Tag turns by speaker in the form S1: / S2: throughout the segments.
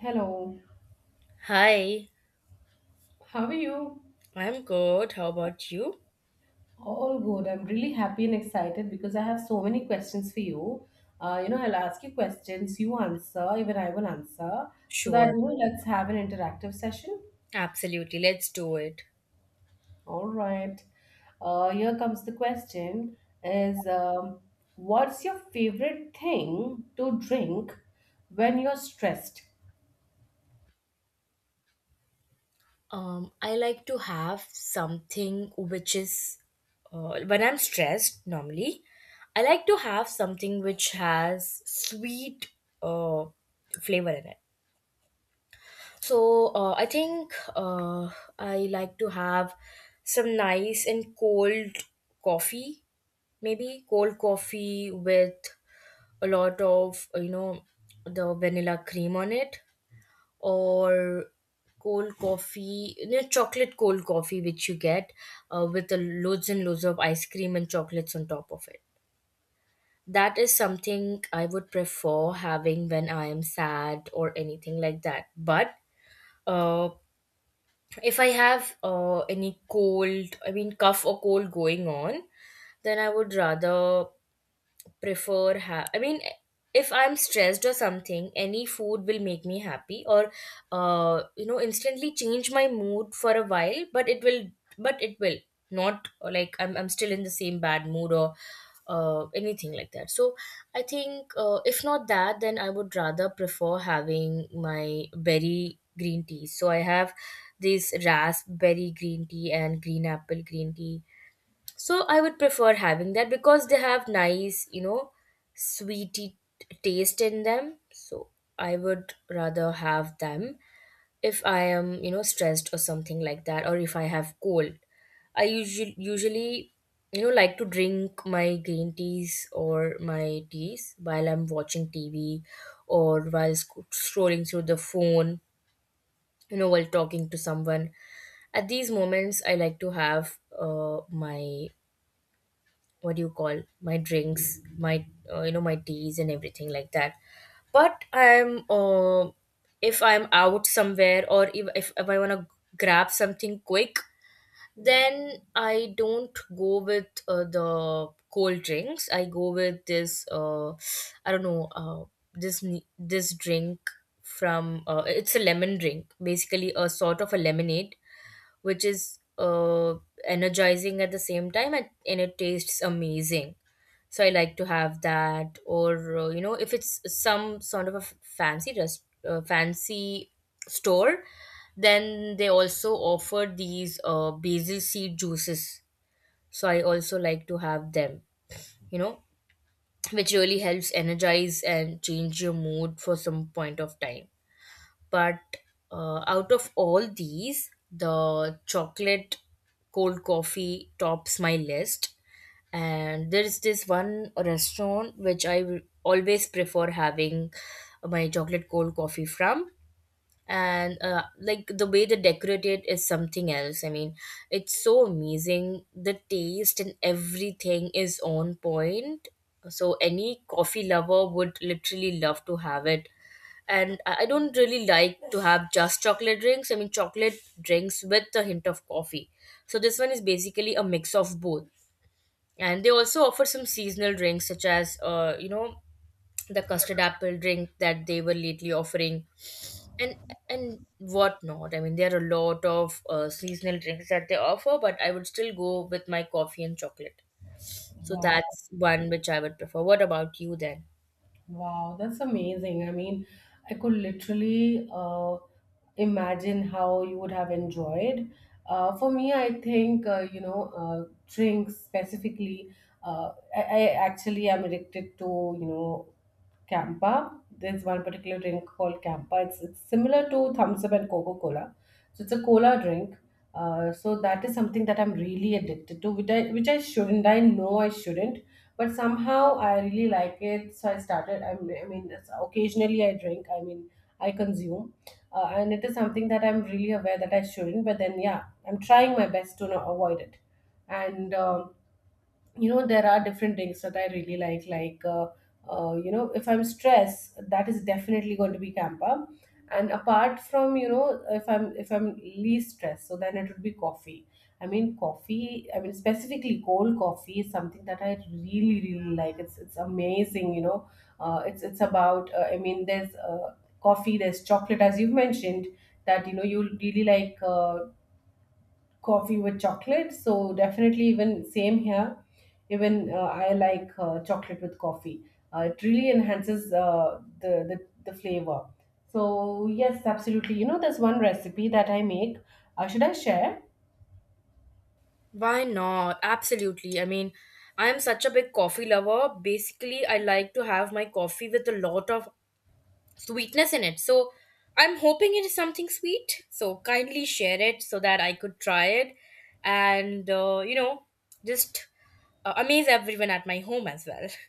S1: Hello,
S2: Hi,
S1: how are you?
S2: I'm good. How about you?
S1: All good. I'm really happy and excited because I have so many questions for you. I'll ask you questions, you answer, even I will answer, so that
S2: Sure,
S1: you know, let's have an interactive session.
S2: absolutely. Let's do it.
S1: All right. Here comes the question: Is what's your favorite thing to drink when you're stressed?
S2: I like to have something which is, when I'm stressed normally, I like to have something which has sweet uh, flavor in it. So I think I like to have some nice and cold coffee, maybe cold coffee with a lot of the vanilla cream on it, or cold coffee, you know, chocolate cold coffee which you get with the loads and loads of ice cream and chocolates on top of it. That is something I would prefer having when I am sad or anything like that. But uh, if I have any cold, I mean cough or cold going on, then I would rather prefer I mean, if I'm stressed or something, any food will make me happy, or you know, instantly change my mood for a while, but it will not like I'm still in the same bad mood or anything like that. So I think if not that, then I would rather prefer having my berry green tea. So I have this raspberry green tea and green apple green tea, so I would prefer having that because they have nice, you know, sweety taste in them. So I would rather have them if I am, you know, stressed or something like that, or if I have cold. I usually, you know, like to drink my green teas or my teas while I'm watching TV or while scrolling through the phone, you know, while talking to someone. At these moments, I like to have my, what do you call, my drinks, my my teas and everything like that. But I'm if I'm out somewhere, or if I want to grab something quick, then I don't go with the cold drinks. I go with this I don't know, this this drink from, it's a lemon drink, basically a sort of a lemonade, which is energizing at the same time, and it tastes amazing. So I like to have that, or you know, if it's some sort of a fancy store, then they also offer these basil seed juices, so I also like to have them, you know, which really helps energize and change your mood for some point of time. But out of all these, the chocolate cold coffee tops my list. And there's this one restaurant which I will always prefer having my chocolate cold coffee from. And like, the way they decorate it is something else. I mean, it's so amazing. The taste and everything is on point. So any coffee lover would literally love to have it. And I don't really like to have just chocolate drinks. I mean, chocolate drinks with a hint of coffee. So this one is basically a mix of both. And they also offer some seasonal drinks, such as, you know, the custard apple drink that they were lately offering, and and whatnot. I mean, there are a lot of seasonal drinks that they offer, but I would still go with my coffee and chocolate. So
S1: Wow.
S2: that's one which I would prefer. What about you then?
S1: Wow, that's amazing. I mean, I could literally imagine how you would have enjoyed. For me, I think, drinks specifically, I actually am addicted to, you know, Campa. There's one particular drink called Campa. It's similar to Thumbs Up and Coca Cola. So it's a cola drink, so that is something that I'm really addicted to, which I shouldn't. I know I shouldn't, but somehow I really like it. So I started. I mean occasionally I drink. I mean, I consume, and it is something that I'm really aware that I shouldn't. But then, yeah, I'm trying my best to not avoid it, and you know there are different drinks that I really like you know if I'm stressed that is definitely going to be campa and apart from you know if i'm least stressed so then it would be coffee i mean specifically cold coffee is something that i really like it's amazing you know it's about I mean there's coffee there's chocolate as you've mentioned that you know you really like coffee with chocolate. So definitely, even same here. Even I like chocolate with coffee. It really enhances the flavor. So yes, absolutely. You know, there's one recipe that I make. Should I share?
S2: Why not? Absolutely. I mean, I am such a big coffee lover. Basically, I like to have my coffee with a lot of sweetness in it. So I'm hoping it is something sweet. So kindly share it so that I could try it and, you know, just amaze everyone at my home as well.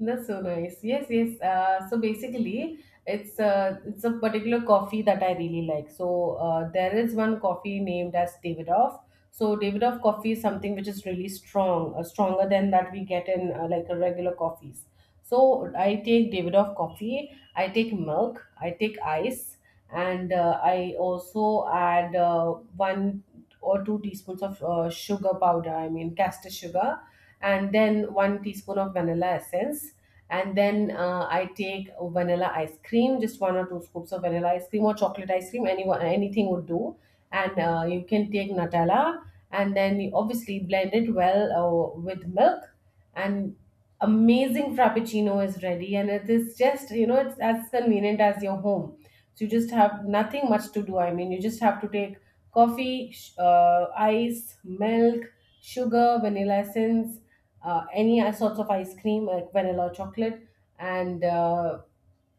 S1: That's so nice. Yes, yes. So basically, it's a particular coffee that I really like. So there is one coffee named as Davidoff. So Davidoff coffee is something which is really strong, stronger than that we get in like a regular coffees. So I take Davidoff coffee. I take milk. I take ice, and I also add one or two teaspoons of sugar powder. I mean castor sugar, and then one teaspoon of vanilla essence and then I take vanilla ice cream, just one or two scoops of vanilla ice cream or chocolate ice cream, anyone anything would do. And you can take Nutella, and then you obviously blend it well with milk, and amazing frappuccino is ready. And it is just you know it's as convenient as your home. So you just have nothing much to do. I mean, you just have to take coffee, ice, milk, sugar, vanilla essence, any sorts of ice cream like vanilla or chocolate, and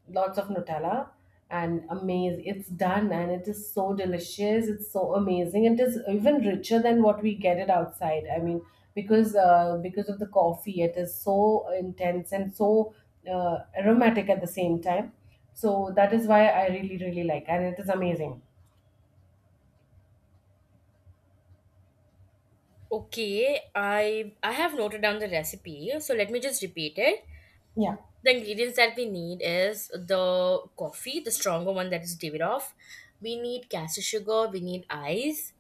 S1: lots of Nutella and amazing. It's done and it is so delicious. It's so amazing. It is even richer than what we get it outside. I mean, because of the coffee, it is so intense and so aromatic at the same time. So that is why I really really like, and it is amazing.
S2: Okay, I have noted down the recipe. So let me just repeat it.
S1: Yeah.
S2: The ingredients that we need is the coffee, the stronger one, that is Davidoff. Off. We need caster sugar, we need ice,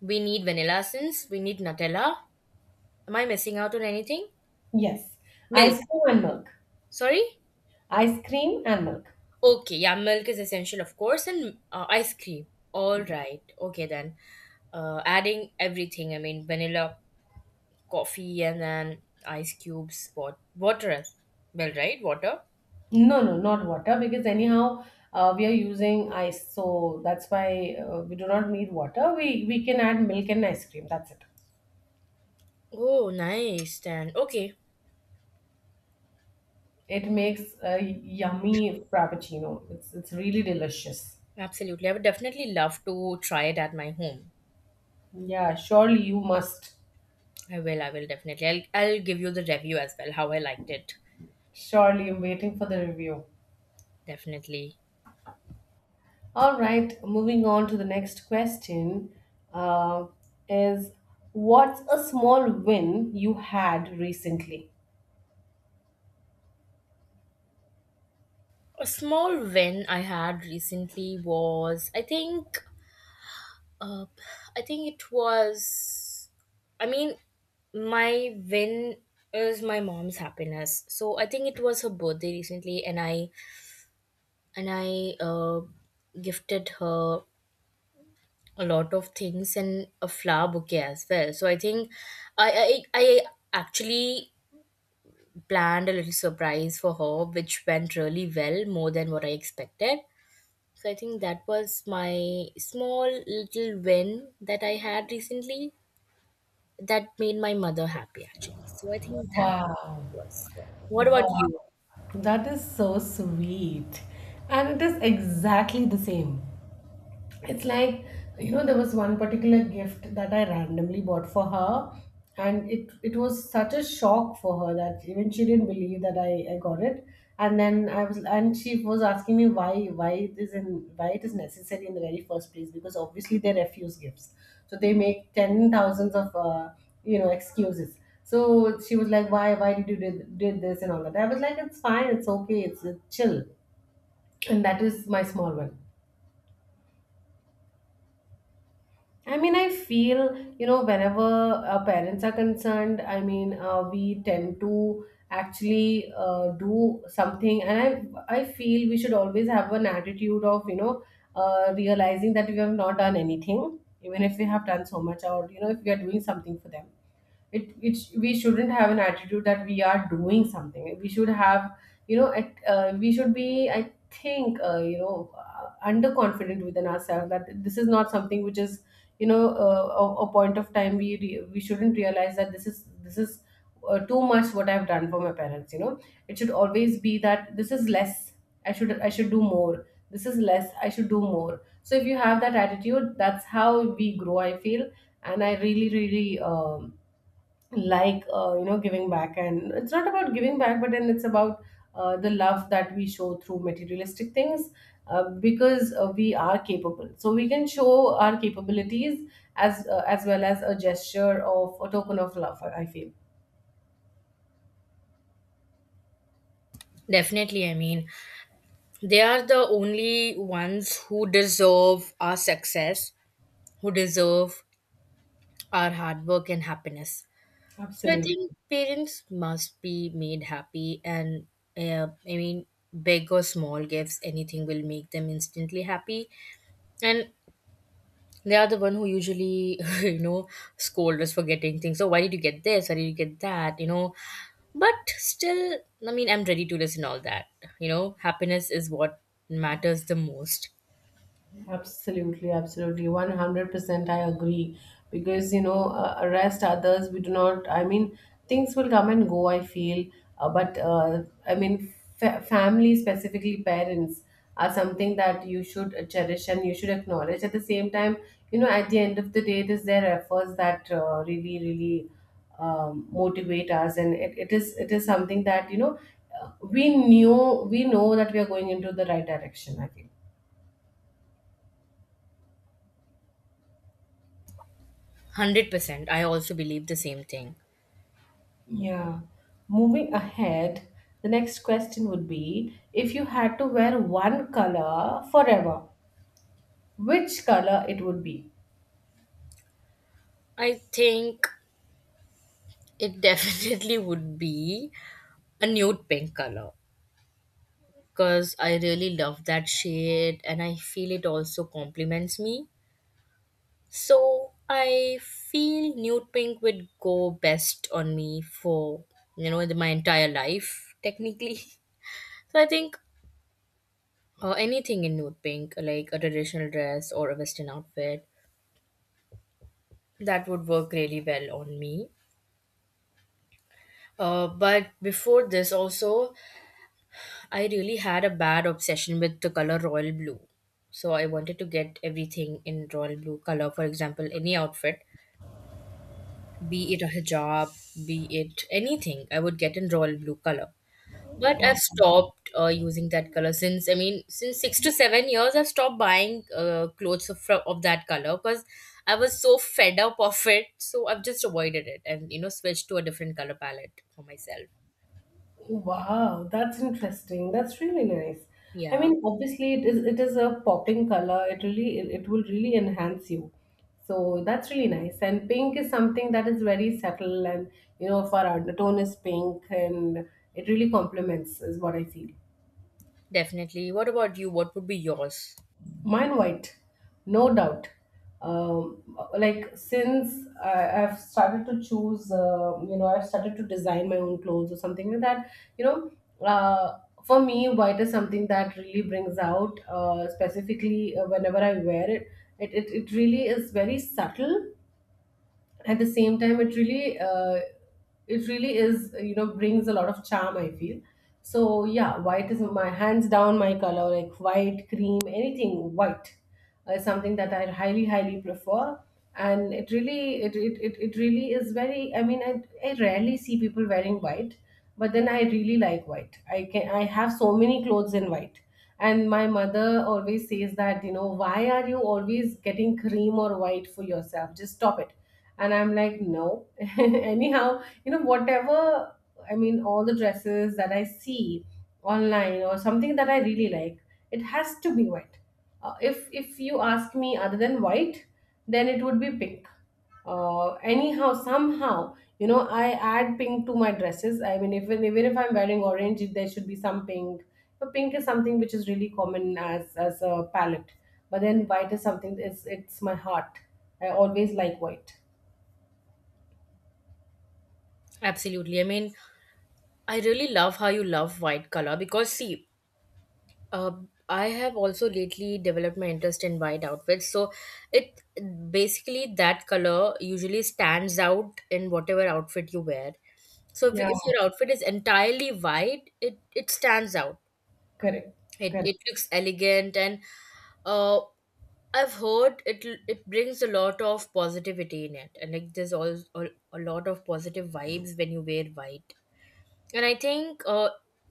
S2: we need vanilla essence, we need Nutella. Am I missing out on anything?
S1: Yes.
S2: Milk.
S1: Ice cream and milk.
S2: Sorry?
S1: Ice cream and milk.
S2: Okay, yeah, milk is essential, of course, and ice cream. All right. Okay, then. Adding everything, I mean, vanilla, coffee, and then ice cubes, water as well, right? Water.
S1: No, no, not water because anyhow we are using ice, so that's why we do not need water. We can add milk and ice cream. That's it.
S2: Oh, nice. Then, okay.
S1: It makes a yummy frappuccino. It's really delicious.
S2: Absolutely. I would definitely love to try it at my home.
S1: Yeah, surely you must.
S2: I will definitely. I'll give you the review as well, how I liked it.
S1: Surely I'm waiting for the review.
S2: Definitely.
S1: All right, moving on to the next question uh, is what's a small win you had recently?
S2: A small win I had recently was, uh, I think it was, I mean, my win is my mom's happiness. So I think it was her birthday recently, and I gifted her a lot of things and a flower bouquet as well. So I think I actually planned a little surprise for her, which went really well, more than what I expected. So I think that was my small little win that I had recently, that made my mother happy actually. So I think that
S1: Wow.
S2: was. What about
S1: Wow,
S2: you?
S1: that is so sweet. And it is exactly the same. It's like, you know, there was one particular gift that I randomly bought for her, and it was such a shock for her that even she didn't believe that I got it. And then I was, and she was asking me why it is in why it is necessary in the very first place because obviously they refuse gifts, so they make ten thousands of excuses. So she was like, why did you did this and all that? I was like, it's fine, it's okay, it's chill, and that is my small one. I mean, I feel, you know, whenever parents are concerned, I mean, we tend to actually do something. And I feel we should always have an attitude of, you know, realizing that we have not done anything, even if we have done so much, or, you know, if we are doing something for them it, it we shouldn't have an attitude that we are doing something we should have you know we should be I think underconfident within ourselves that this is not something which is you know a point of time we we shouldn't realize that this is too much what I've done for my parents you know it should always be that this is less i should do more this is less I should do more so if you have that attitude that's how we grow I feel and I really really like you know giving back and it's not about giving back but then it's about the love that we show through materialistic things because we are capable so we can show our capabilities as well as a gesture of a token of love I feel
S2: Definitely, I mean, they are the only ones who deserve our success, who deserve our hard work and happiness. So I
S1: absolutely
S2: think parents must be made happy, and uh, I mean, big or small gifts, anything will make them instantly happy. And they are the one who usually, you know, scold us for getting things. Oh, why did you get this? Why did you get that? You know, but still, I mean, I'm ready to listen all that. You know, happiness is what matters the most.
S1: Absolutely, absolutely. 100% I agree. Because, you know, arrest others, we do not, I mean, things will come and go, I feel. But I mean, family, specifically parents, are something that you should cherish and you should acknowledge. At the same time, you know, at the end of the day, it is their efforts that really really motivate us. And it is something that, you know, we know that we are going into the right direction, I feel.
S2: 100%. I also believe the same thing.
S1: Yeah. Moving ahead, the next question would be if you had to wear one color forever, which color it would be?
S2: I think it definitely would be a nude pink color, because I really love that shade and I feel it also compliments me. So I feel nude pink would go best on me for, you know, my entire life technically. So I think anything in nude pink, like a traditional dress or a western outfit, that would work really well on me. But before this, also, I really had a bad obsession with the color royal blue. So I wanted to get everything in royal blue color. For example, any outfit, be it a hijab, be it anything, I would get in royal blue color. But
S1: Wow.
S2: I've stopped using that color since, I mean, since six to seven years, I've stopped buying clothes of, of that color, because I was so fed up of it. So I've just avoided it and, you know, switched to a different color palette for myself.
S1: Wow, that's interesting. That's really nice. I
S2: Yeah,
S1: mean, obviously it is a popping color. It really it will really enhance you. So that's really nice. And pink is something that is very subtle and you know, for our the tone is pink and it really complements is what I feel.
S2: definitely. What about you? What would be yours?
S1: Mine white, no doubt. Um, like since I've started to choose, I've started to design my own clothes or something like that. You know, for me, white is something that really brings out, specifically whenever I wear it. It really is very subtle at the same time it really is you know brings a lot of charm I feel so yeah white is my hands down my color like white cream anything white is something that I highly highly prefer and it really it really is very I mean I rarely see people wearing white but then I really like white I have so many clothes in white and my mother always says that you know why are you always getting cream or white for yourself just stop it and I'm like no anyhow you know whatever I mean all the dresses that I see online or something that I really like it has to be white if you ask me other than white then it would be pink anyhow somehow you know I add pink to my dresses I mean even if I'm wearing orange there should be some pink but pink is something which is really common as a palette but then white is something it's my heart I always like white
S2: Absolutely. I mean, I really love how you love white color. Because, see, uh, I have also lately developed my interest in white outfits. So it basically, that color usually stands out in whatever outfit you wear. So,
S1: Yeah,
S2: if your outfit is entirely white, it stands out.
S1: correct, correct,
S2: It looks elegant, and uh, I've heard it it brings a lot of positivity in it, and like there's all a lot of positive vibes when you wear white. And I think uh,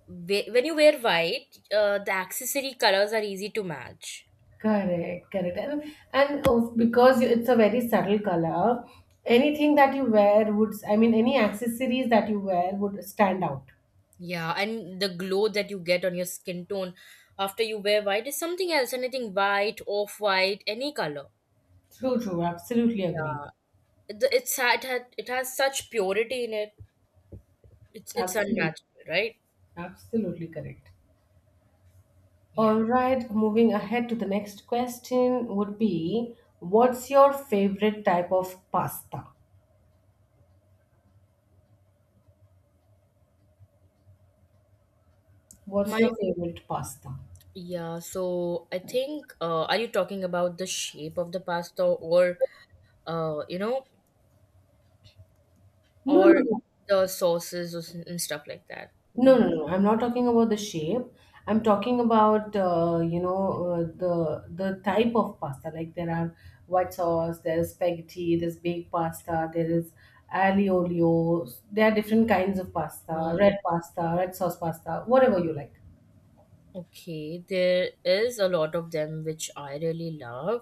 S2: whe- when you wear white, the accessory colors are easy to match.
S1: correct, correct. And also because you- it's a very subtle color, anything that you wear would, I mean, any accessories that you wear would stand out.
S2: Yeah, and the glow that you get on your skin tone after you wear white is something else. Anything white, off white, any color.
S1: True, true. Absolutely agree.
S2: It has such purity in it. It's
S1: Absolutely,
S2: unnatural, right?
S1: absolutely correct.
S2: Yeah.
S1: All right, moving ahead to the next question would be, what's your favorite type of pasta? What's
S2: My
S1: your favorite pasta?
S2: yeah. So I think are you talking about the shape of the pasta, or you know,
S1: No, no,
S2: or
S1: no.
S2: the sauces or and stuff like that?
S1: No,
S2: Mm,
S1: no, no. I'm not talking about the shape. I'm talking about the type of pasta. Like there are white sauce, there's spaghetti, there's baked pasta, there is alioli. There are different kinds of
S2: yeah.
S1: pasta, red sauce pasta, whatever you like.
S2: Okay, there is a lot of them which I really love.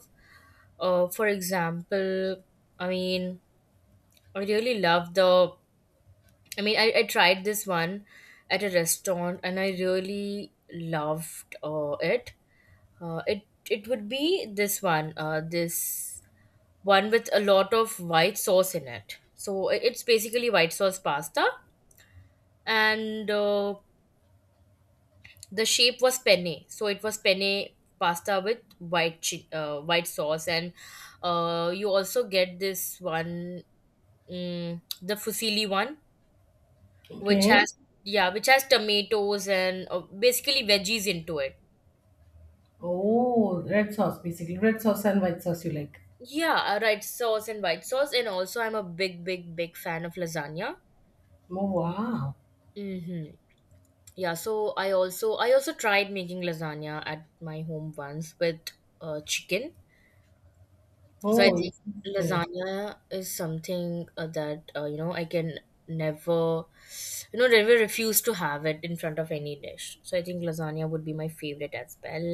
S2: For example, I mean, I really love the. I mean, I tried this one at a restaurant and I really loved it. Uh, it it would be this one with a lot of white sauce in it. So it's basically white sauce pasta, and the shape was penne, so it was penne pasta with white white sauce, and you also get this one, mm, the fusilli one, which
S1: Okay.
S2: has, yeah, which has tomatoes and basically veggies into it.
S1: Oh, red sauce basically. Red sauce and white sauce you like.
S2: Yeah, right sauce and white sauce, and also I'm a big, big, big fan of lasagna.
S1: Oh wow.
S2: Mm-hmm. Yeah, so I also tried making lasagna at my home once with chicken. So I
S1: Oh,
S2: think
S1: interesting.
S2: lasagna is something that you know I can never, you know, never refuse to have it in front of any dish. So I think lasagna would be my favorite as well.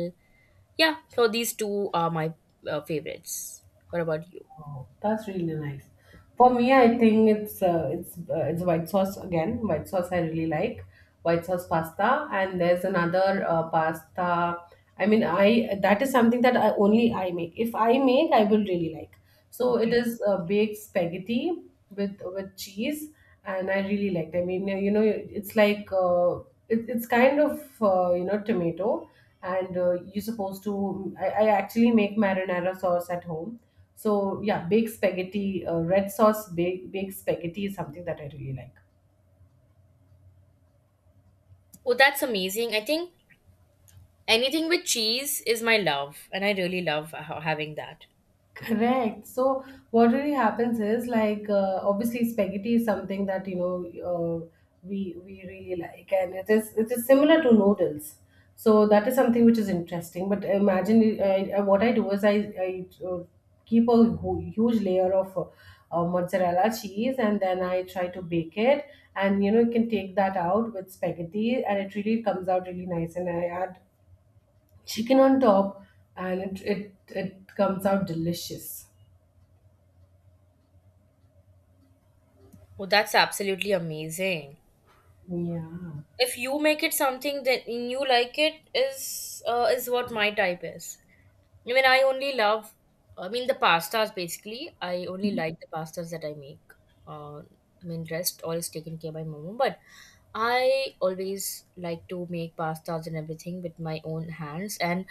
S2: Yeah, so these two are my favorites. What about you?
S1: Oh, that's really nice. For me, I think it's white sauce again. White sauce I really like. White sauce pasta, and there's another pasta. I mean, I that is something that I only I make. If I make, I will really like. So it is baked spaghetti with cheese, and I really liked. I mean, it's like it's kind of tomato, and you're supposed to. I actually make marinara sauce at home so yeah, baked spaghetti, red sauce baked spaghetti is something that I really like.
S2: Oh, that's amazing. I think anything with cheese is my love, and I really love having that.
S1: Correct. So what really happens is like obviously spaghetti is something that uh, we really like, and it is similar to noodles. So that is something which is interesting. But imagine what I do is I keep a huge layer of mozzarella cheese, and then I try to bake it, and you know you can take that out with spaghetti, and it really comes out really nice. And I add chicken on top, and it comes out delicious.
S2: Oh, that's absolutely amazing.
S1: Yeah,
S2: If you make it something that you like, it is what my type is. I mean, I only love, I mean, the pastas basically. I only like the pastas that I make. Uh, I mean, rest all is taken care by mom. But I always like to make pastas and everything with my own hands. And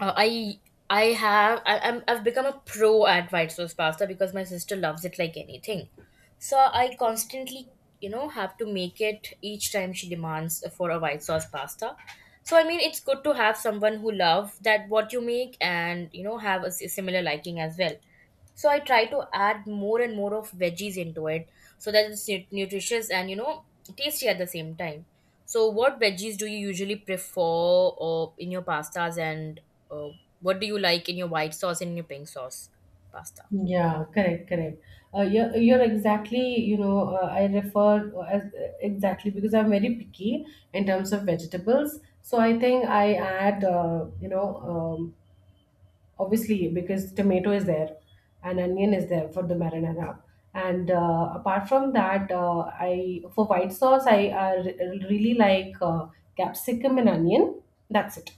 S2: uh, I I have I, I'm, I've become a pro at white sauce pasta because my sister loves it like anything. So I constantly, have to make it each time she demands for a white sauce pasta. So I mean, it's good to have someone who love that what you make, and you know, have a similar liking as well. So I try to add more and more of veggies into it so that it's nutritious and, you know, tasty at the same time. So what veggies do you usually prefer or in your pastas, and uh, what do you like in your white sauce and your pink sauce pasta?
S1: yeah, correct, correct. You're exactly, you know, I refer as exactly because I'm very picky in terms of vegetables. So I think I add, obviously because tomato is there and onion is there for the marinara. And apart from that, I for white sauce, I really like capsicum and onion. That's it.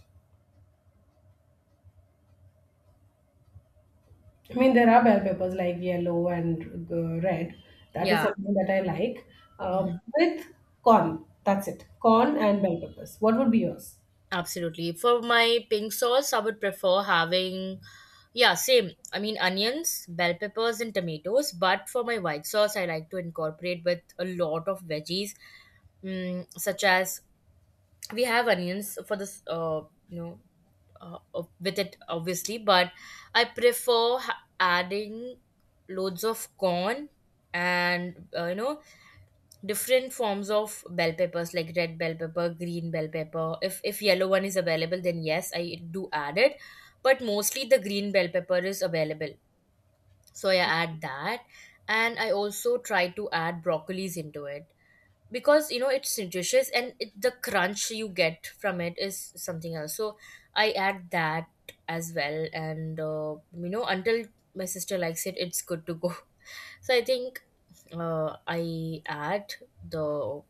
S1: I mean, there are bell peppers like yellow and red. That is
S2: Yeah.
S1: something that I like. Uh, with corn, that's it. Corn and bell peppers. What would be yours?
S2: Absolutely. For my pink sauce, I would prefer having, yeah, same. I mean, onions, bell peppers, and tomatoes. But for my white sauce, I like to incorporate with a lot of veggies, mm, such as we have onions for this, you know, with it obviously. But I prefer adding loads of corn and you know, different forms of bell peppers like red bell pepper, green bell pepper. If yellow one is available, then yes, I do add it, but mostly the green bell pepper is available, so I add that. And I also try to add broccolis into it because, you know, it's nutritious, and it, the crunch you get from it is something else, so I add that as well. And you know, until my sister likes it, it's good to go. So I think I add the,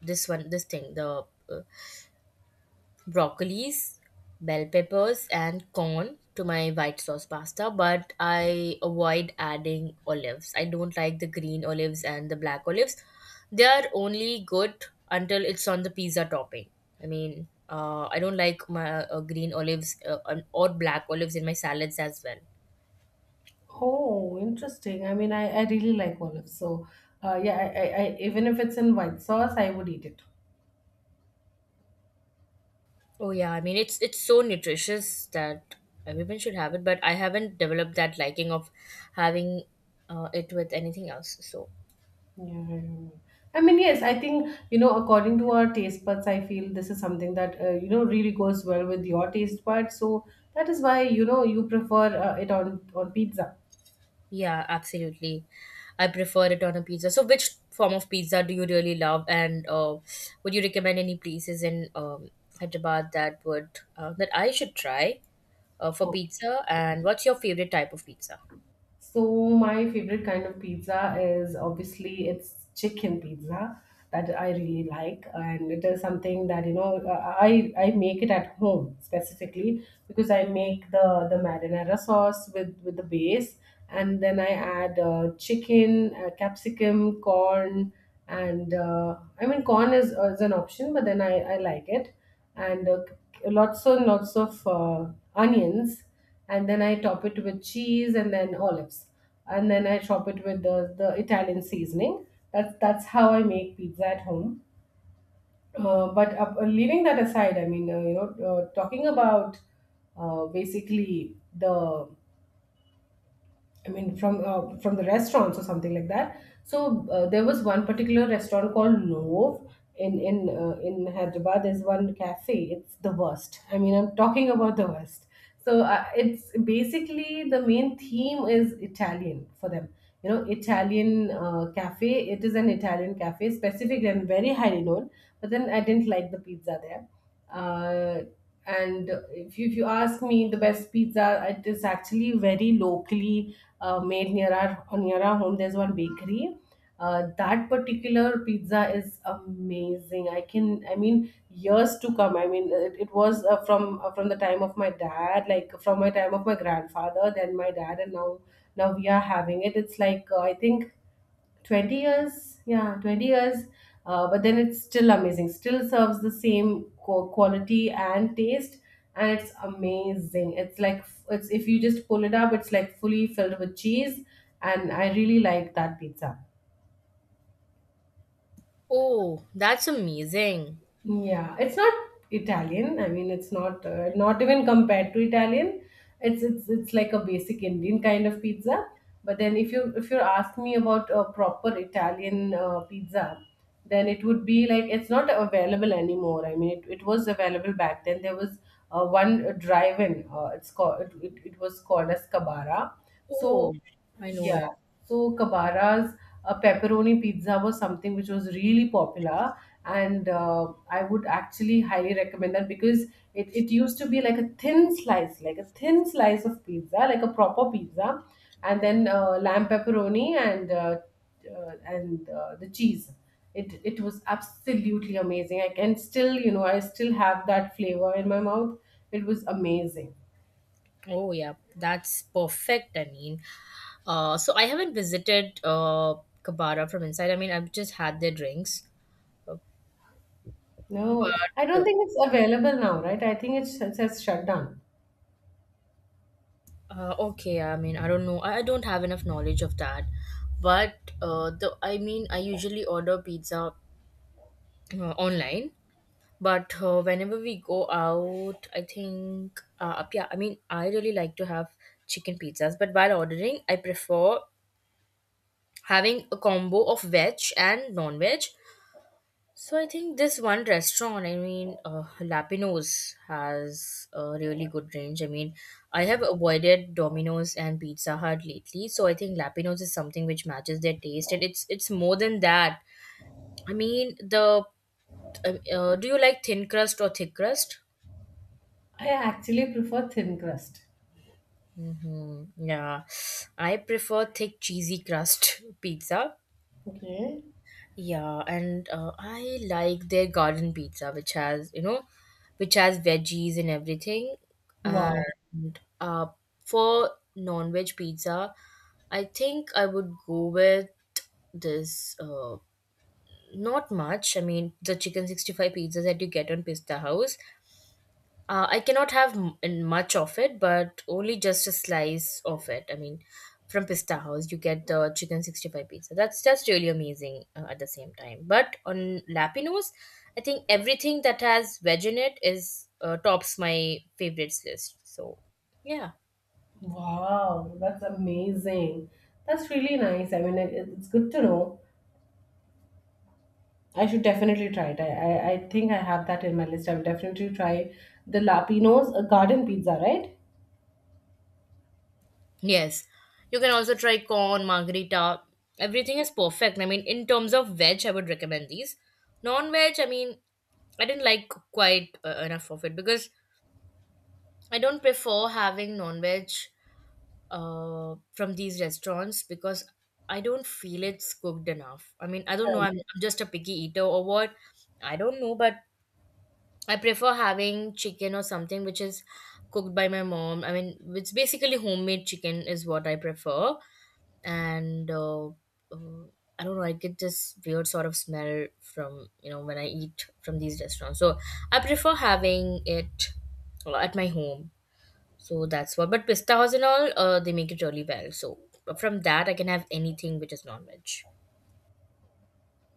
S2: this one, this thing, the uh, broccolis, bell peppers, and corn to my white sauce pasta. But I avoid adding olives. I don't like the green olives and the black olives. They are only good until it's on the pizza topping. I mean, I don't like my green olives or black olives in my salads as well.
S1: Oh, interesting. I mean, I really like olives. So, yeah, even if it's in white sauce, I would eat it.
S2: Oh yeah, I mean it's so nutritious that everyone should have it, but I haven't developed that liking of having it with anything else. So
S1: Yeah, I don't know. I mean, yes, I think, you know, according to our taste buds, I feel this is something that, really goes well with your taste buds. So that is why, you know, you prefer it on pizza.
S2: yeah, absolutely, I prefer it on a pizza. So which form of pizza do you really love, and would you recommend any places in Hyderabad that would that I should try for pizza? And what's your favorite type of pizza?
S1: So my favorite kind of pizza is obviously it's chicken pizza that I really like, and it is something that I make it at home specifically because I make the marinara sauce with the base, and then I add chicken, capsicum, corn, and I mean corn is an option, but then I like it, and lots and lots of onions, and then I top it with cheese and then olives, and then I top it with the Italian seasoning. That's how I make pizza at home. But leaving that aside, talking about basically the I mean, from the restaurants or something like that. So there was one particular restaurant called Nov in in Hyderabad. There's one cafe. It's the worst. I mean, I'm talking about the worst. So it's basically the main theme is Italian for them. You know, Italian cafe. It is an Italian cafe, specific and very highly known. But then I didn't like the pizza there, uh, and if you ask me the best pizza, it is actually very locally made near our home. There's one bakery, that particular pizza is amazing. I can, I mean, years to come. I mean, it was from the time of my dad, like from my time of my grandfather, then my dad, and now now we are having it. It's like I think 20 years, yeah, 20 years, but then it's still amazing, still serves the same quality and taste, and it's amazing. It's like it's if you just pull it up, it's like fully filled with cheese, and I really like that pizza.
S2: Oh, that's amazing.
S1: Yeah, it's not Italian. I mean, it's not even compared to Italian. It's like a basic Indian kind of pizza. But then if you ask me about a proper Italian pizza, then it would be like it's not available anymore. I mean, it was available back then. There was one drive-in. It's called it was called as Cabara.
S2: Oh,
S1: So
S2: I know
S1: yeah.
S2: it.
S1: So Kabara's pepperoni pizza was something which was really popular, and I would actually highly recommend that because it used to be like a thin slice, like a thin slice of pizza, like a proper pizza, and then lamb pepperoni and the cheese. It was absolutely amazing. I can still, you know, I still have that flavor in my mouth. It was amazing.
S2: Oh yeah, that's perfect. I mean, so I haven't visited Kabara from inside. I mean, I've just had their drinks. Uh,
S1: No, I don't
S2: but
S1: think it's available now, right? I think it's, it says shut down.
S2: okay. I mean, I don't know. I don't have enough knowledge of that. But the I mean, I usually order pizza online. But whenever we go out, I think yeah. I mean, I really like to have chicken pizzas. But while ordering, I prefer having a combo of veg and non-veg. So I think this one restaurant, I mean, Lapinos has a really good range. I mean, I have avoided Domino's and Pizza Hut lately, so I think Lapinos is something which matches their taste, and it's more than that. I mean, the do you like thin crust or thick crust?
S1: I actually prefer thin crust.
S2: Mm-hmm. Yeah, I prefer thick cheesy crust pizza.
S1: Okay.
S2: Yeah, and I like their garden pizza, which has, you know, which has veggies and everything.
S1: Wow.
S2: And for non-veg pizza, I think I would go with this. Not much. I mean, the chicken 65 pizzas that you get on Pista House. I cannot have m- in much of it, but only just a slice of it. I mean, from Pista House, you get the chicken 65 pizza. That's really amazing at the same time. But on Lapinos, I think everything that has veg in it is tops my favorites list. So, yeah.
S1: Wow. That's amazing. That's really nice. I mean, it's good to know. I should definitely try it. I think I have that in my list. I'll definitely try the Lapinos, a garden pizza, right?
S2: Yes. You can also try corn, margarita. Everything is perfect. I mean, in terms of veg, I would recommend these. Non veg, I mean, I didn't like quite enough of it because I don't prefer having non-veg from these restaurants because I don't feel it's cooked enough. I mean, I don't know. I'm just a picky eater or what. I don't know, but I prefer having chicken or something which is cooked by my mom. I mean, it's basically homemade chicken is what I prefer, and I don't know. I get this weird sort of smell from, you know, when I eat from these restaurants. So I prefer having it at my home. So that's what. But pista house and all, they make it really well. So from that, I can have anything which is non-veg.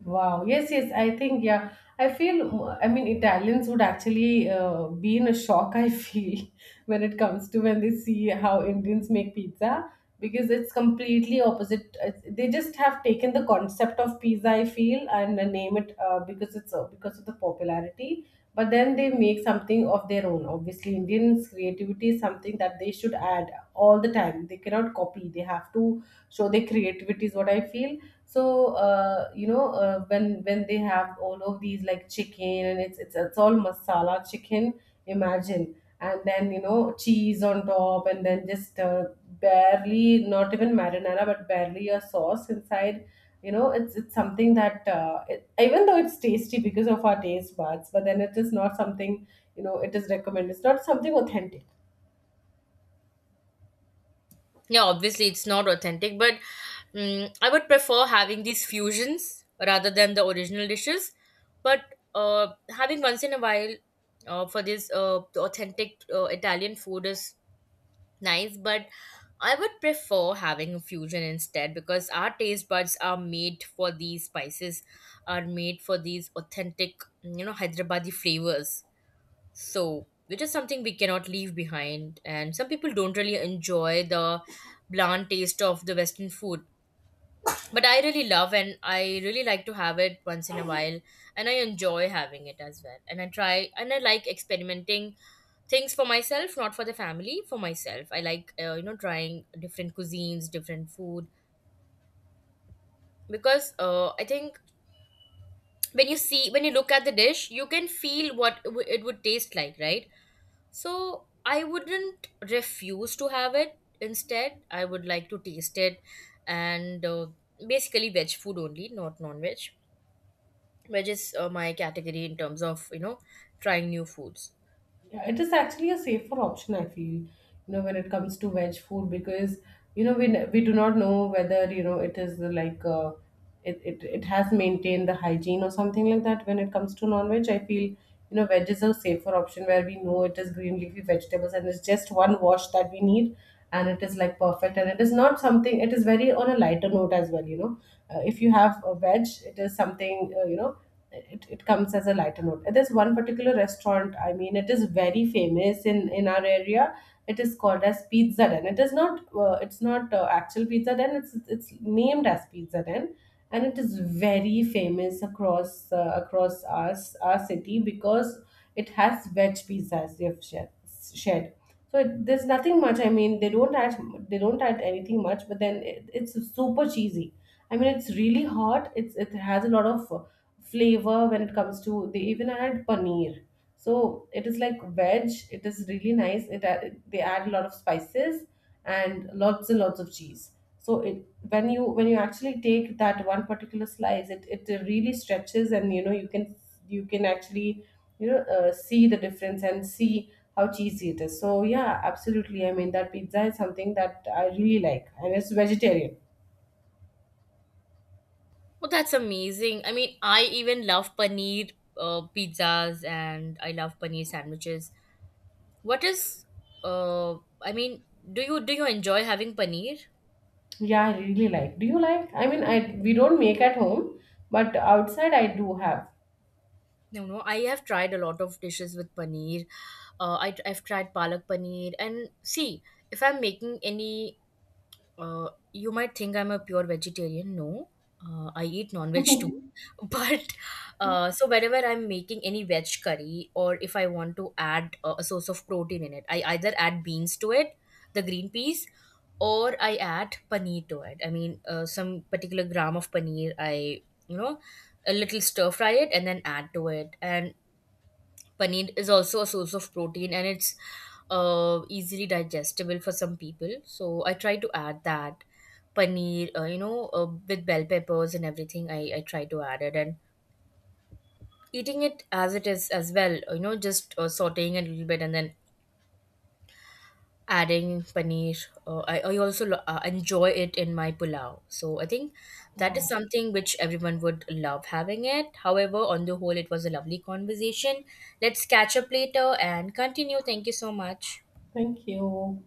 S1: Wow. Yes, yes. I think, yeah. I feel, I mean, Italians would actually be in a shock, I feel, when it comes to when they see how Indians make pizza because it's completely opposite. It's, they just have taken the concept of pizza, I feel, and name it because it's because of the popularity, but then they make something of their own. Obviously, Indians' creativity is something that they should add all the time. They cannot copy. They have to show their creativity is what I feel. So when they have all of these like chicken, and it's all masala chicken, imagine, and then you know cheese on top, and then just barely not even marinara, but barely a sauce inside. You know, it's something that it, even though it's tasty because of our taste buds, but then it is not something, you know, it is recommended. It's not something authentic.
S2: Yeah, obviously it's not authentic, but mm I would prefer having these fusions rather than the original dishes. But uh, having once in a while for this the authentic Italian food is nice, but I would prefer having a fusion instead because our taste buds are made for these spices, are made for these authentic, you know, Hyderabadi flavors. So, which is something we cannot leave behind. And some people don't really enjoy the bland taste of the Western food. But I really love and I really like to have it once in a while. And I enjoy having it as well. And I try and I like experimenting things for myself, not for the family, for myself. I like, you know, trying different cuisines, different food. Because I think when you see, when you look at the dish, you can feel what it would taste like, right? So I wouldn't refuse to have it. Instead, I would like to taste it, and basically veg food only, not non veg. Veg is my category in terms of, you know, trying new foods.
S1: Yeah, it is actually a safer option, I feel, you know, when it comes to veg food because, you know, we do not know whether, you know, it is like, it has maintained the hygiene or something like that. When it comes to non-veg, I feel, you know, veg is a safer option where we know it is green leafy vegetables, and it's just one wash that we need, and it is like perfect, and it is not something, it is very on a lighter note as well, you know. If you have a veg, it is something, it comes as a lighter note. There's one particular restaurant, I mean, it is very famous in our area. It is called as Pizza Den. It is not, it's not actual Pizza Den, it's named as Pizza Den. And it is very famous across across our, our city because it has veg pizza as they've shared. So it, there's nothing much. I mean, they don't add anything much, but then it, it's super cheesy. I mean, it's really hot. It's it has a lot of flavor when it comes to they even add paneer, so it is like veg. It is really nice. They add a lot of spices and lots of cheese. So it, when you actually take that one particular slice, it really stretches, and you know you can, you can actually, you know, see the difference and see how cheesy it is. So yeah, absolutely, I mean that pizza is something that I really like, and it's vegetarian.
S2: Oh, that's amazing. I mean, I even love paneer pizzas, and I love paneer sandwiches. What is, uh, I mean, do you enjoy having paneer?
S1: Yeah, I really like. Do you like? I mean, I we don't make at home, but outside I do have.
S2: No, no. I have tried a lot of dishes with paneer. I've tried palak paneer. And see, if I'm making any, you might think I'm a pure vegetarian. No, I eat non-veg too. But so whenever I'm making any veg curry, or if I want to add a source of protein in it, I either add beans to it, the green peas, or I add paneer to it. I mean, some particular gram of paneer, I, you know, a little stir fry it and then add to it. And paneer is also a source of protein, and it's easily digestible for some people. So I try to add that paneer, with bell peppers and everything. I try to add it and eating it as it is as well, you know, just sauteing it a little bit and then adding paneer. I also enjoy it in my pulao. So I think that is
S1: Oh,
S2: something which everyone would love having it. However, on the whole, it was a lovely conversation. Let's catch up later and continue. Thank you so much.
S1: thank you.